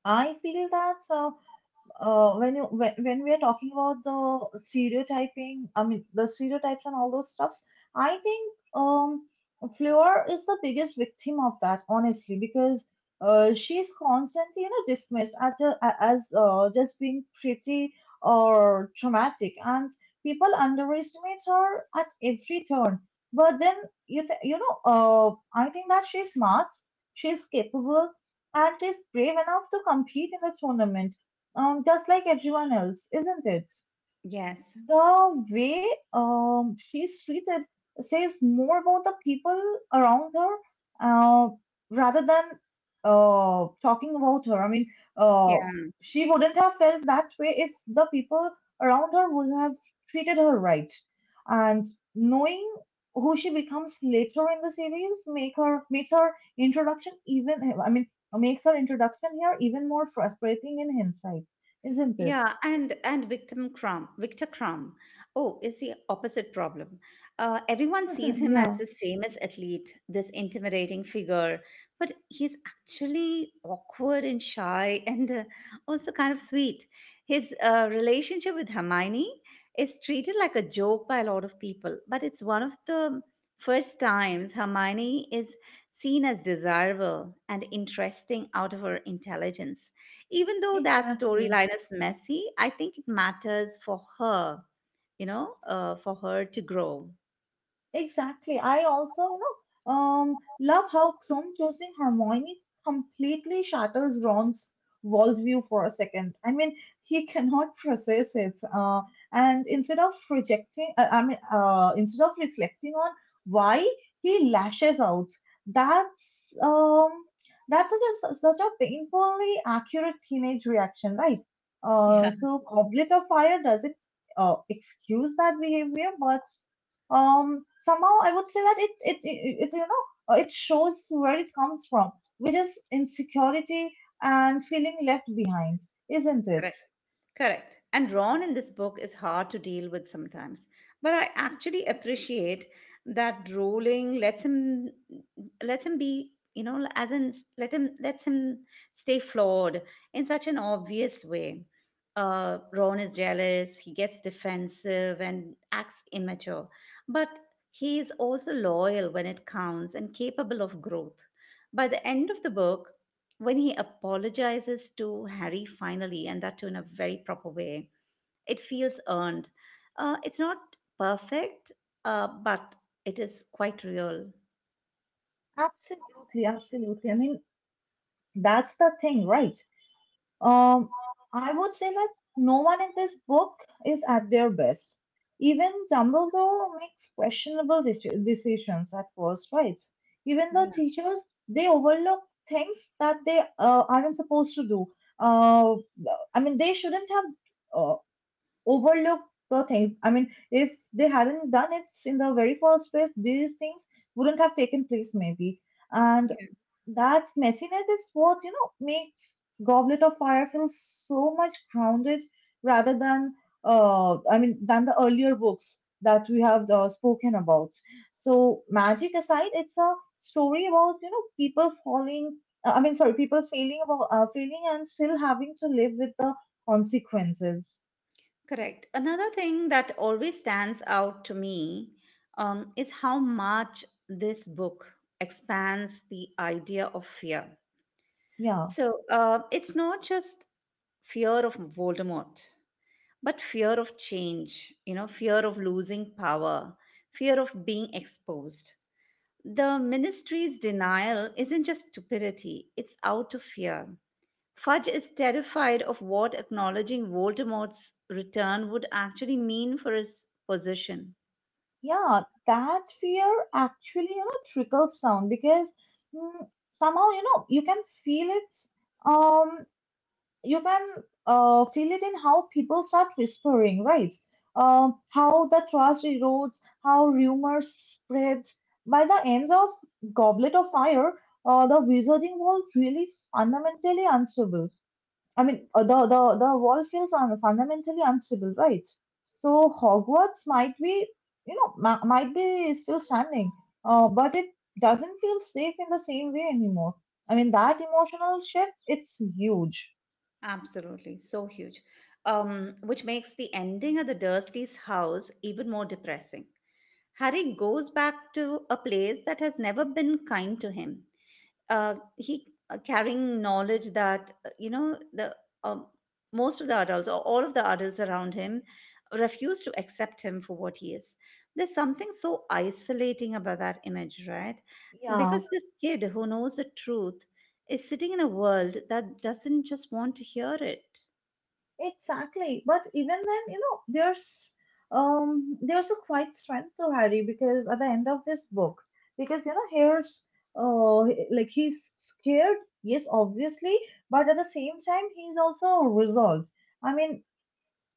B: I feel that. When you when we are talking about the stereotyping, I mean the stereotypes and all those stuffs, I think Fleur is the biggest victim of that, honestly, because she's constantly, you know, dismissed as just being pretty or traumatic, and people underestimate her at every turn. But then you know I think that she's smart, she's capable, and is brave enough to compete in the tournament, just like everyone else, isn't it?
A: Yes.
B: The way she's treated says more about the people around her, uh, rather than talking about her. I mean, uh, she wouldn't have felt that way if the people around her would have treated her right. And knowing who she becomes later in the series makes her introduction, even I mean makes her introduction here even more frustrating in hindsight, isn't it?
A: Yeah, and Victor Crumb, Victor Crumb, oh, is the opposite problem. Everyone sees him as
B: Yeah,
A: this famous athlete, this intimidating figure, but he's actually awkward and shy, and also kind of sweet. His relationship with Hermione is treated like a joke by a lot of people, but it's one of the first times Hermione is seen as desirable and interesting out of her intelligence. Even though that
B: exactly.
A: storyline is messy, I think it matters for her, you know, for her to grow.
B: Exactly. I also, you know, love how Krum choosing Hermione completely shatters Ron's worldview for a second. I mean, he cannot process it, and instead of rejecting, I mean, instead of reflecting on why he lashes out, that's um, that's such a, such a painfully accurate teenage reaction, right?
A: Yeah,
B: So Goblet of Fire doesn't uh, excuse that behavior, but somehow I would say that it you know it shows where it comes from, which is insecurity and feeling left behind, isn't it?
A: correct. Correct. And Ron in this book is hard to deal with sometimes. But I actually appreciate that Rowling lets him be, you know, as in lets him stay flawed in such an obvious way. Ron is jealous, he gets defensive and acts immature. But he is also loyal when it counts and capable of growth. By the end of the book, when he apologizes to Harry finally, and that too in a very proper way, it feels earned. It's not perfect, but it is quite real.
B: Absolutely, absolutely. I mean, that's the thing, right? um I would say that no one in this book is at their best. Even Dumbledore makes questionable decisions at first, right? Even the
A: Yeah,
B: teachers, they overlook things that they aren't supposed to do. uh, I mean, they shouldn't have uh, overlooked the things. I mean, if they hadn't done it in the very first place, these things wouldn't have taken place, maybe. And
A: yeah.
B: that messiness is what, you know, makes Goblet of Fire feel so much grounded rather than, I mean than the earlier books that we have spoken about. So magic aside, it's a story about, you know, people falling. I mean, sorry, people failing, about failing and still having to live with the consequences.
A: Correct. Another thing that always stands out to me is how much this book expands the idea of fear.
B: Yeah,
A: So it's not just fear of Voldemort, but fear of change, you know, fear of losing power, fear of being exposed. The ministry's denial isn't just stupidity, it's out of fear. Fudge is terrified of what acknowledging Voldemort's return would actually mean for his position.
B: yeah, that fear actually, you know, trickles down because, mm, somehow, you know, you can feel it, um you can feel it in how people start whispering, right? How the trust erodes, how rumors spread. By the end of Goblet of Fire, the Wizarding World really fundamentally unstable. I mean, the world feels fundamentally unstable, right? So Hogwarts might be, you know, might be still standing, but it doesn't feel safe in the same way anymore. I mean, that emotional shift, it's huge.
A: Absolutely, so huge. Which makes the ending of the Dursleys' house even more depressing. Harry goes back to a place that has never been kind to him. He carrying knowledge that you know, the um, most of the adults or all of the adults around him refuse to accept him for what he is. There's something so isolating about that image, right?
B: Yeah.
A: Because this kid who knows the truth is sitting in a world that doesn't just want to hear it.
B: Exactly. But even then, you know, there's a quite strength to Harry because at the end of this book, because, you know, here's uh like he's scared, yes, obviously, but at the same time he's also resolved. I mean,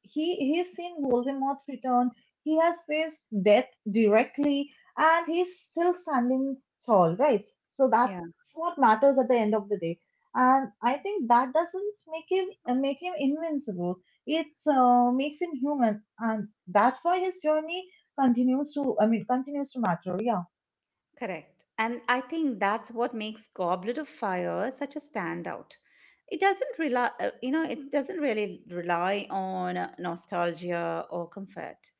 B: he's seen Voldemort's return. He has faced death directly, and he's still standing tall, right? So that's what matters at the end of the day. And I think that doesn't make him invincible. It makes him human, and that's why his journey continues to matter. Yeah,
A: Correct. And I think that's what makes Goblet of Fire such a standout. It doesn't rely, you know, it doesn't really rely on nostalgia or comfort.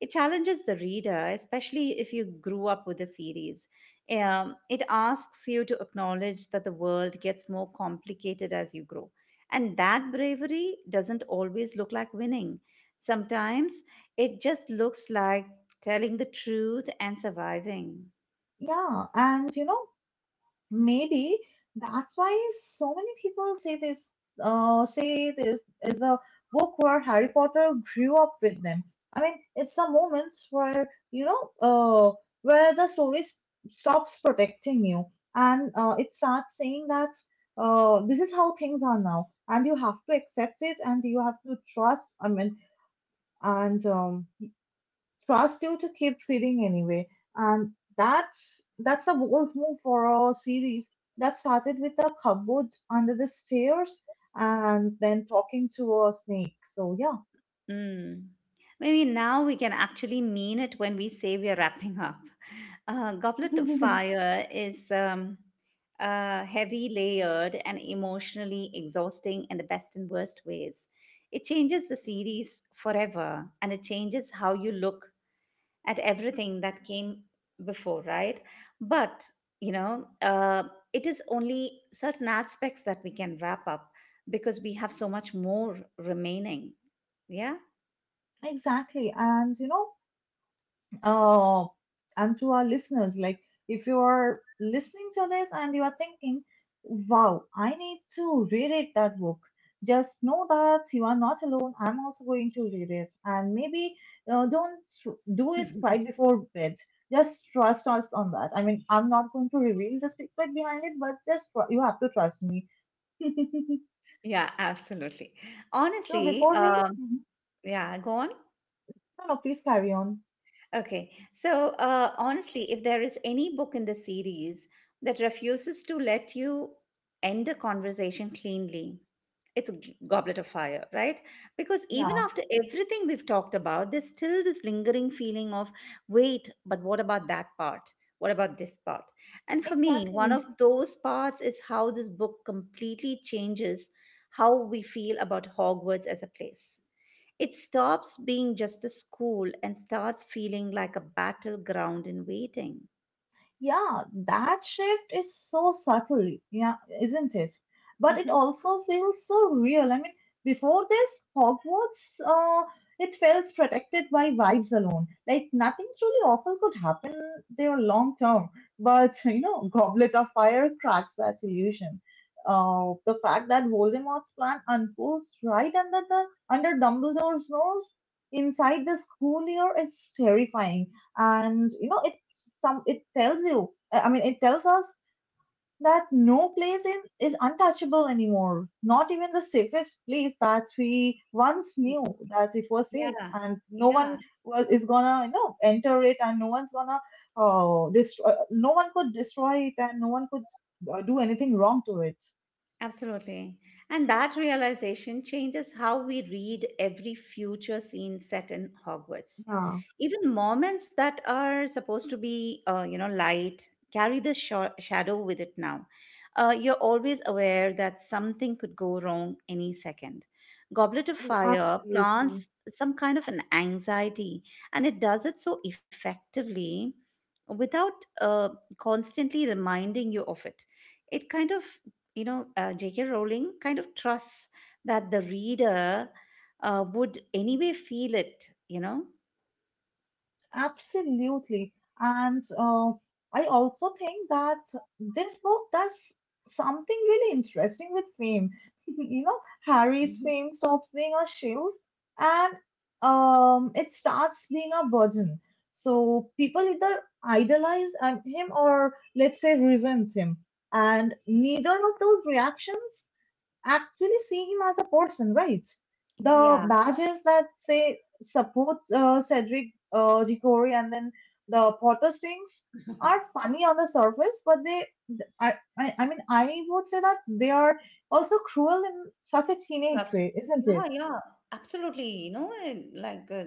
A: It challenges the reader, especially if you grew up with the series. It asks you to acknowledge that the world gets more complicated as you grow. And that bravery doesn't always look like winning. Sometimes it just looks like telling the truth and surviving.
B: yeah, and you know. Maybe that's why so many people say say this is the book where Harry Potter grew up with them. I mean, it's the moments where, you know, where the stops protecting you and it starts saying that this is how things are now, and you have to accept it and you have to trust. I mean, and Trust you to keep feeding anyway. And that's a bold move for a series that started with a cupboard under the stairs and then talking to a snake. So
A: Mm. Maybe now we can actually mean it when we say we are wrapping up. Goblet of
B: yeah,
A: Fire is heavy, layered, and emotionally exhausting in the best and worst ways. It changes the series forever, and it changes how you look at everything that came before, right? But, you know, it is only certain aspects that we can wrap up because we have so much more remaining. Yeah.
B: exactly. And you know, uh, and to our listeners, like, if you are listening to this and you are thinking, wow, I need to reread that book, just know that you are not alone. I'm also going to read it. And maybe don't do it right before bed. Just trust us on that. I mean, I'm not going to reveal the secret behind it, but just you have to trust me.
A: Yeah, absolutely.
B: So
A: Honestly,
B: before we, mhm.
A: yeah, go on.
B: No, no, please carry on.
A: Okay. So, honestly, if there is any book in the series that refuses to let you end a conversation cleanly, it's a Goblet of Fire, right? Because even
B: Yeah,
A: after everything we've talked about, there's still this lingering feeling of, wait, but what about that part? What about this part? And for me, one
B: exactly.
A: of those parts is how this book completely changes how we feel about Hogwarts as a place. It stops being just a school and starts feeling like a battleground in waiting.
B: Yeah, that shift is so subtle, yeah, isn't it? But it
A: Hmm.
B: also feels so real. I mean, before this, Hogwarts, it felt protected by vibes alone. Like nothing truly awful could happen there long term. But you know, Goblet of Fire cracks that illusion. The fact that Voldemort's plan unfolds right under the under Dumbledore's nose inside this school year is terrifying, and you know it tells you, it tells us that no place in is untouchable anymore, not even the safest place that we once knew that it was safe.
A: Yeah.
B: And no one
A: Yeah.
B: was, is gonna, you know, enter it, and no one's gonna destroy no one could destroy it, and no one could do anything wrong to it.
A: Absolutely. And that realization changes how we read every future scene set in Hogwarts.
B: Yeah,
A: Even moments that are supposed to be, you know, light carry the shadow with it now. You're always aware that something could go wrong any second. Goblet of Fire
B: absolutely.
A: plants some kind of an anxiety, and it does it so effectively without constantly reminding you of it. It kind of, you know, J.K. Rowling kind of trusts that the reader would anyway feel it, you know?
B: Absolutely. And I also think that this book does something really interesting with fame. You know, Harry's
A: Mhm.
B: fame stops being a shield and it starts being a burden. So people either idolize him or, let's say, resent him. And neither of those reactions actually see him as a person, right? The
A: Yeah.
B: badges that say supports Cedric Diggory, and then the Potter Stings, are funny on the surface, but I mean, I would say that they are also cruel in such a teenage
A: Rough.
B: way, isn't
A: Yeah,
B: it?
A: yeah, absolutely. You know, and like uh,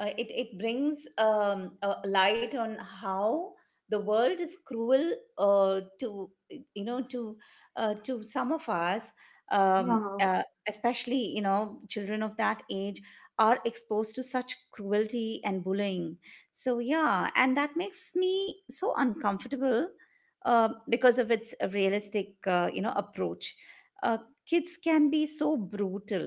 A: uh, it it brings a light on how the world is cruel uh, to you know to to some of us, um,
B: Yeah.
A: uh, especially you know children of that age are exposed to such cruelty and bullying. So yeah, and that makes me so uncomfortable because of its realistic you know approach. Uh, Kids can be so brutal,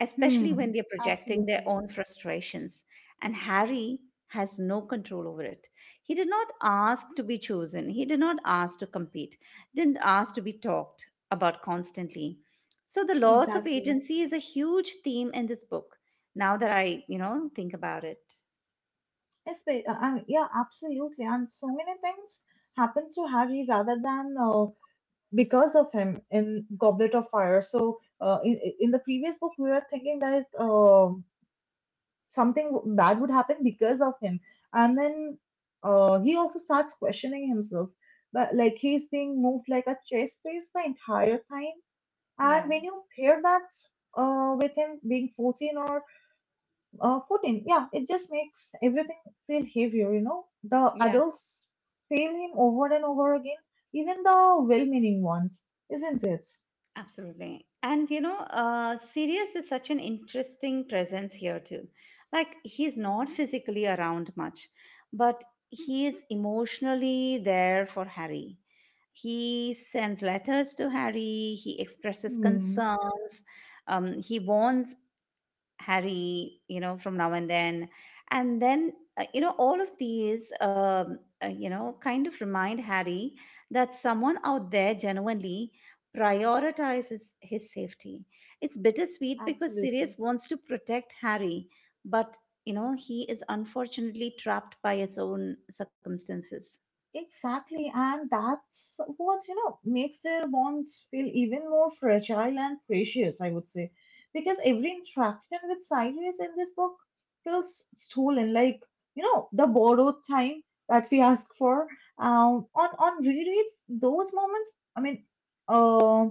A: especially when
B: Hmm.
A: they're projecting their
B: Absolutely.
A: own frustrations, and Harry has no control over it. He did not ask to be chosen, he did not ask to compete, didn't ask to be talked about constantly. So the loss of
B: Exactly.
A: agency is a huge theme in this book. Now that I, you know, think about it.
B: Yeah, absolutely. And so many things happen to Harry rather than because of him in Goblet of Fire. So in the previous book, we were thinking that something bad would happen because of him, and then he also starts questioning himself. But like he's being moved like a chess piece the entire time,
A: Yeah.
B: and when you pair that with him being 14, yeah, it just makes everything feel heavier. You know, the
A: Yeah.
B: adults fail him over and over again, even the well-meaning ones, isn't it?
A: Absolutely. And you know, Sirius is such an interesting presence here too. Like, he's not physically around much, but he is emotionally there for Harry. He sends letters to Harry, he expresses
B: Hmm,
A: concerns, he warns Harry, you know, from now and then. And then, all of these, kind of remind Harry that someone out there genuinely prioritizes his safety. It's bittersweet because
B: absolutely.
A: Sirius wants to protect Harry, but, he is unfortunately trapped by his own circumstances.
B: Exactly. And that's what, you know, makes their bonds feel even more fragile and precious, I would say. Because every interaction with Cyrus in this book feels stolen, like, you know, the borrowed time that we ask for. On rereads, those moments, I mean, uh,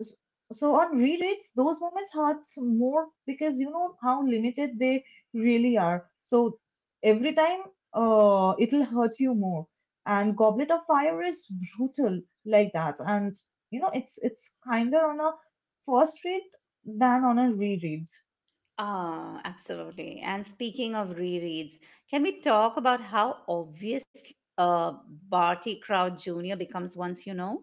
B: s- so on rereads those moments hurts more because you know how limited they really are, so every time it'll hurt you more. And Goblet of Fire is brutal like that, and you know it's kinder on a first read than on a reread.
A: Ah, absolutely. And speaking of rereads, can we talk about how obvious Barty Crouch Jr. becomes once you know?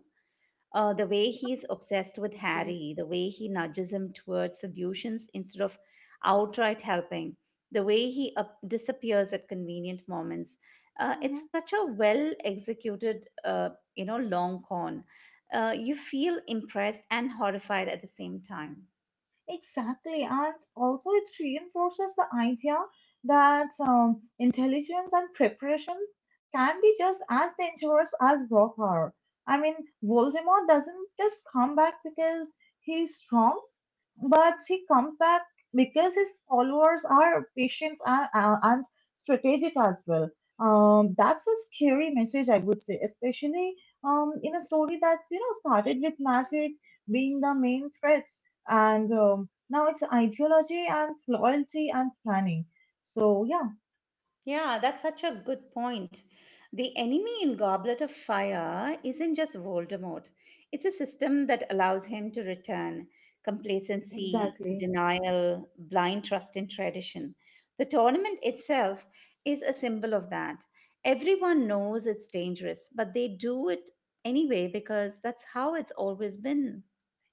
A: The way he's obsessed with
B: Exactly.
A: Harry, the way he nudges him towards solutions instead of outright helping, the way he disappears at convenient moments. It's such a well executed, long con. You feel impressed and horrified at the same time.
B: Exactly, and also it reinforces the idea that intelligence and preparation can be just as dangerous as raw power. I mean, Voldemort doesn't just come back because he's strong, but he comes back because his followers are patient and strategic as well. That's a scary message, I would say, especially in a story that you know started with magic being the main threat, and now it's ideology and loyalty and planning. So yeah,
A: Yeah, that's such a good point. The enemy in Goblet of Fire isn't just Voldemort, it's a system that allows him to return. Complacency,
B: exactly.
A: denial, blind trust in tradition. The tournament itself is a symbol of that. Everyone knows it's dangerous, but they do it anyway because that's how it's always been.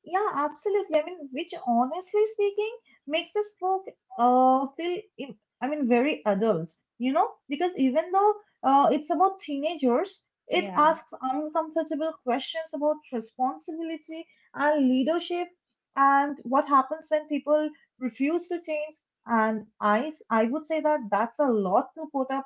B: Yeah, absolutely. I mean, which honestly speaking makes this book I mean very adult, you know, because even though it's about teenagers, it
A: Yeah.
B: asks uncomfortable questions about responsibility and leadership and what happens when people refuse to change. And I would say that that's a lot to put up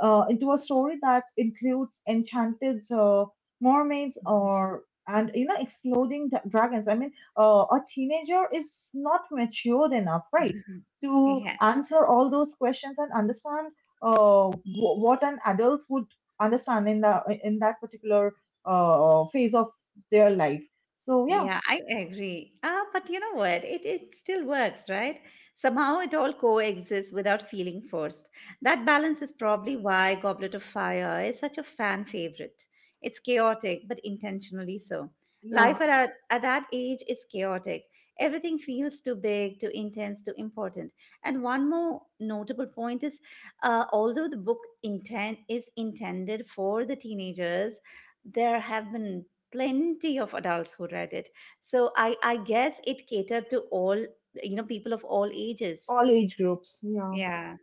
B: into a story that includes enchanted mermaids or and you know exploding dragons. A teenager is not matured enough, right, to
A: Yeah.
B: answer all those questions and understand what an adult would understand in the in that particular phase of their life. So yeah,
A: Yeah, I agree. Ah, but you know what? It still works, right? Somehow it all coexists without feeling forced. That balance is probably why Goblet of Fire is such a fan favorite. It's chaotic, but intentionally so.
B: yeah,
A: Life at that age is chaotic. Everything feels too big, too intense, too important. And one more notable point is although the book intent is intended for the teenagers, there have been plenty of adults who read it. So I guess it catered to all, you know, people of all ages.
B: all age groups. Yeah,
A: Yeah.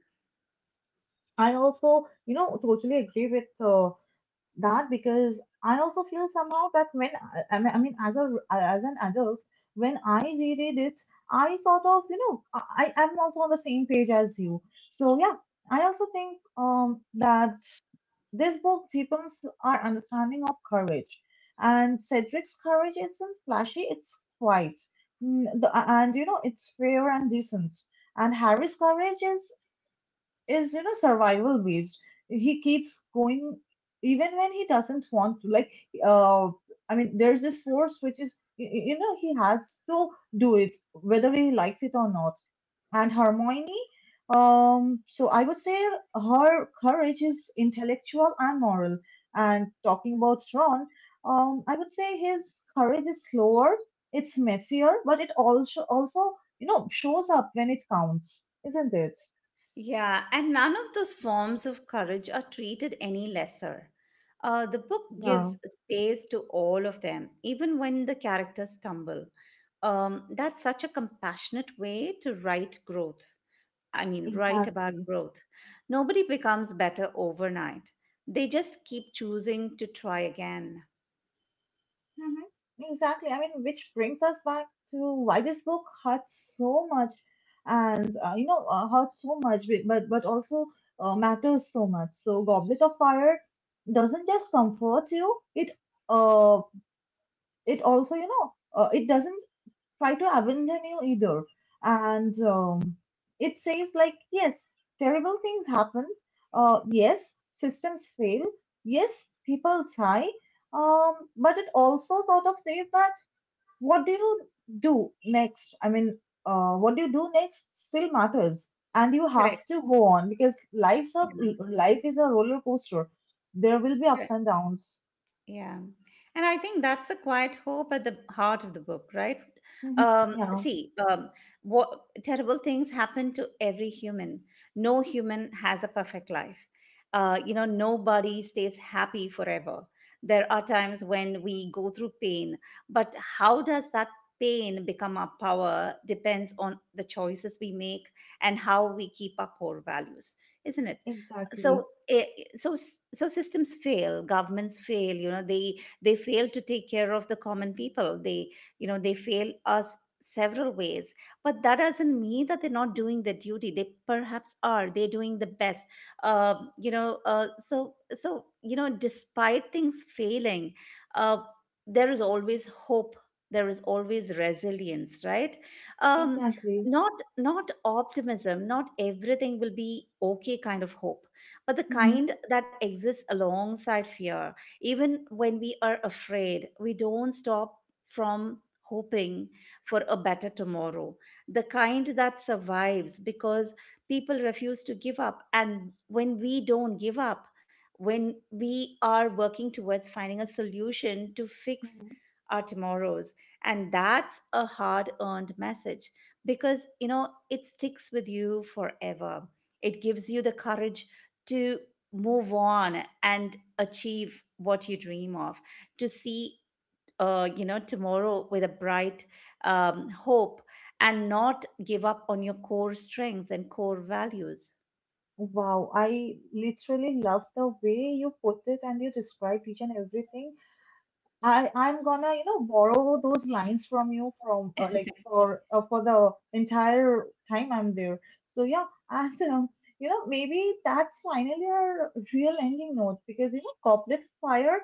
B: I also you know totally agree with. That because I also feel somehow that when as a as an adult, when I reread it, I sort of you know am also on the same page as you. So yeah, I also think that this book deepens our understanding of courage, and Cedric's courage isn't flashy; it's quiet. Mm, and you know it's fair and decent. And Harry's courage is you know survival based. He keeps going even when he doesn't want to, like uh there's this force which is you know, he has to do it whether he likes it or not. And Hermione, so I would say her courage is intellectual and moral. And talking about Ron, I would say his courage is slower, it's messier, but it also you know shows up when it counts, isn't it?
A: Yeah, and none of those forms of courage are treated any lesser. The book
B: Yeah.
A: gives space to all of them, even when the characters stumble. That's such a compassionate way to write about
B: Exactly.
A: growth. Nobody becomes better overnight, they just keep choosing to try again.
B: Hmm. Exactly. I mean, which brings us back to why this book hurts so much, and hurts so much, but also matters so much. So, Goblet of Fire doesn't just comfort you; it uh, it also you know, it doesn't try to abandon you either. And it says like, yes, terrible things happen. Yes, systems fail. Yes, people die. But it also sort of says that what do you do next? What do you do next still matters, and you have
A: Correct.
B: to go on because life is a roller coaster. There will be
A: Yeah.
B: ups and downs.
A: Yeah. And I think that's the quiet hope at the heart of the book, right?
B: Hmm.
A: Um,
B: Yeah,
A: see, um, what terrible things happen to every human. No human has a perfect life. Nobody stays happy forever. There are times when we go through pain, but how does that pain become our power depends on the choices we make and how we keep our core values, isn't it?
B: exactly,
A: so eh, so so systems fail, governments fail, they fail to take care of the common people, they they fail us several ways, but that doesn't mean that they're not doing their duty. They perhaps are, they're doing the best. Despite things failing, uh, there is always hope, there is always resilience, right? um,
B: exactly.
A: Not not optimism, not everything will be okay kind of hope, but the
B: Hmm.
A: kind that exists alongside fear. Even when we are afraid, we don't stop from hoping for a better tomorrow. The kind that survives because people refuse to give up. And when we don't give up, when we are working towards finding a solution to fix our tomorrows, and that's a hard earned message because you know it sticks with you forever. It gives you the courage to move on and achieve what you dream of, to see you know tomorrow with a bright hope, and not give up on your core strengths and core values.
B: Wow, I literally love the way you put it and you described each and everything. I'm gonna, you know, borrow those lines from you from like for the entire time I'm there. So yeah, and you know, maybe that's finally our real ending note because you know, Goblet Fire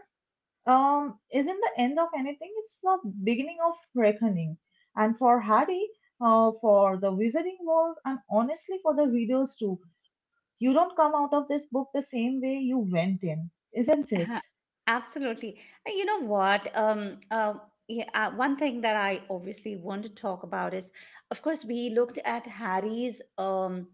B: isn't the end of anything. It's the beginning of reckoning. And for Harry, for the Wizarding World, and honestly for the readers too, you don't come out of this book the same way you went in, isn't it?
A: Uh-huh. Absolutely. You know what? Yeah, One thing that I obviously want to talk about is, of course, we looked at Harry's, um,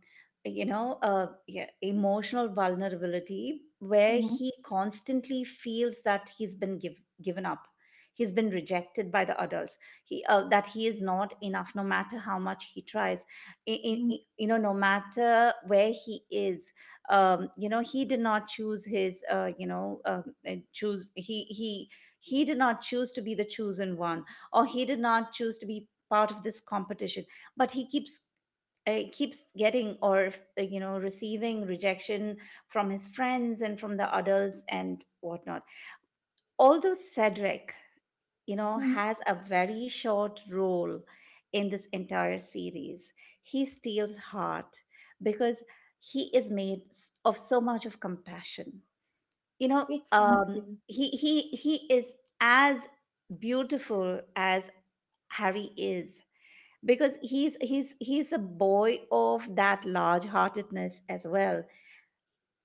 A: you know, uh, yeah, emotional vulnerability, where
B: Mm-hmm.
A: he constantly feels that given up. He's been rejected by the adults. He that he is not enough, no matter how much he tries. No matter where he is, he did not choose his you know choose he did not choose to be the chosen one, or he did not choose to be part of this competition, but he keeps keeps getting, or receiving rejection from his friends and from the adults and whatnot. Although Cedric, you know,
B: Mm-hmm.
A: has a very short role in this entire series, he steals heart because he is made of so much of compassion. You know, um,
B: Exactly.
A: he he he is as beautiful as Harry is, because he's a boy of that large heartedness as well.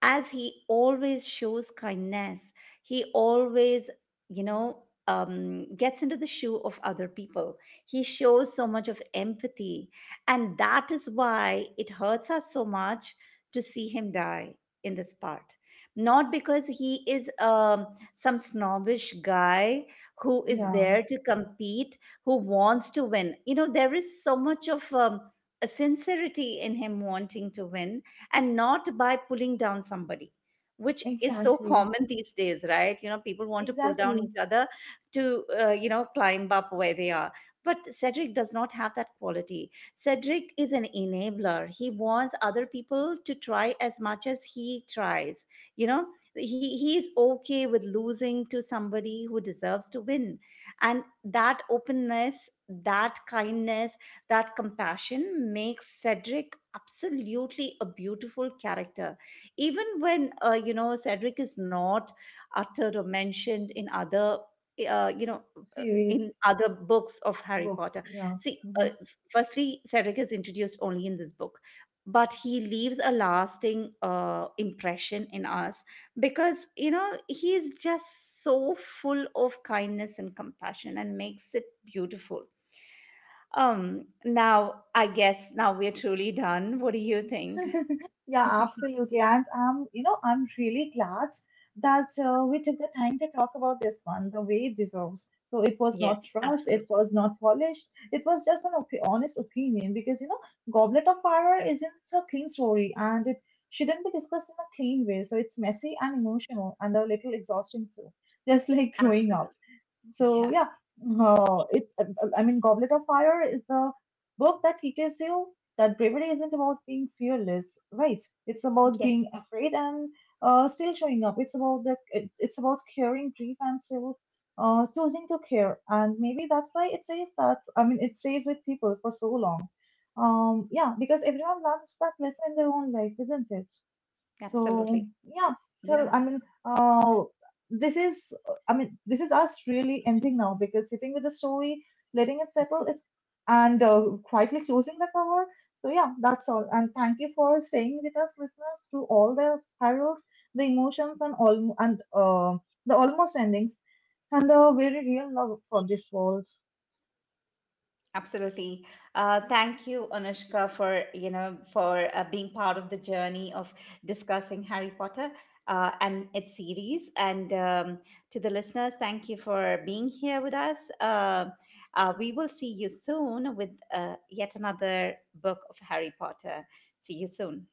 A: As he always shows kindness, he always, you know, gets into the shoe of other people, he shows so much of empathy, and that is why it hurts us so much to see him die in this part. Not because he is some snobbish guy who is
B: Yeah,
A: there to compete, who wants to win. You know, there is so much of a sincerity in him wanting to win, and not by pulling down somebody, which is so
B: exactly.
A: common these days, right? You know, people want to pull down
B: Exactly.
A: each other to you know climb up where they are, but Cedric does not have that quality. Cedric is an enabler, he wants other people to try as much as he tries. You know, he he's okay with losing to somebody who deserves to win, and that openness, that kindness, that compassion makes Cedric absolutely a beautiful character. Even when, Cedric is not uttered or mentioned in other, uh, you know, uh, in
B: Series,
A: other books of Harry
B: books.
A: Potter.
B: Yeah.
A: See,
B: Mm-hmm.
A: firstly, Cedric is introduced only in this book, but he leaves a lasting impression in us because, you know, he is just so full of kindness and compassion and makes it beautiful. Now I guess now we're truly done. What do you think?
B: Yeah, absolutely. And I'm, you know, I'm really glad that we took the time to talk about this one the way it deserves. So it was
A: Yes,
B: not rushed, it
A: absolutely.
B: was not polished, it was just an op honest opinion because, you know, Goblet of Fire isn't a clean story and it shouldn't be discussed in a clean way. So it's messy and emotional and a little exhausting too, just like growing up.
A: Absolutely.
B: So
A: Yeah.
B: yeah, uh, it, uh, Goblet of Fire is the book that teaches you that bravery isn't about being fearless, right? It's about
A: Yes,
B: being afraid and still showing up. It's about it's about curing grief and still choosing to care. And maybe that's why it says that. I mean, it stays with people for so long. Yeah, because everyone learns that lesson in their own life, isn't it? So
A: absolutely.
B: yeah, tell
A: Yeah,
B: I mean, this is I mean, this is us really ending now because sitting with the story, letting it settle, it and quietly closing the cover. So yeah, that's all. And thank you for staying with us, listeners, through all the spirals, the emotions, and all and the almost endings and the very real love for this world.
A: absolutely. Thank you, Anushka, for you know for being part of the journey of discussing Harry Potter and its series. And to the listeners, thank you for being here with us. We will see you soon with yet another book of Harry Potter. See you soon.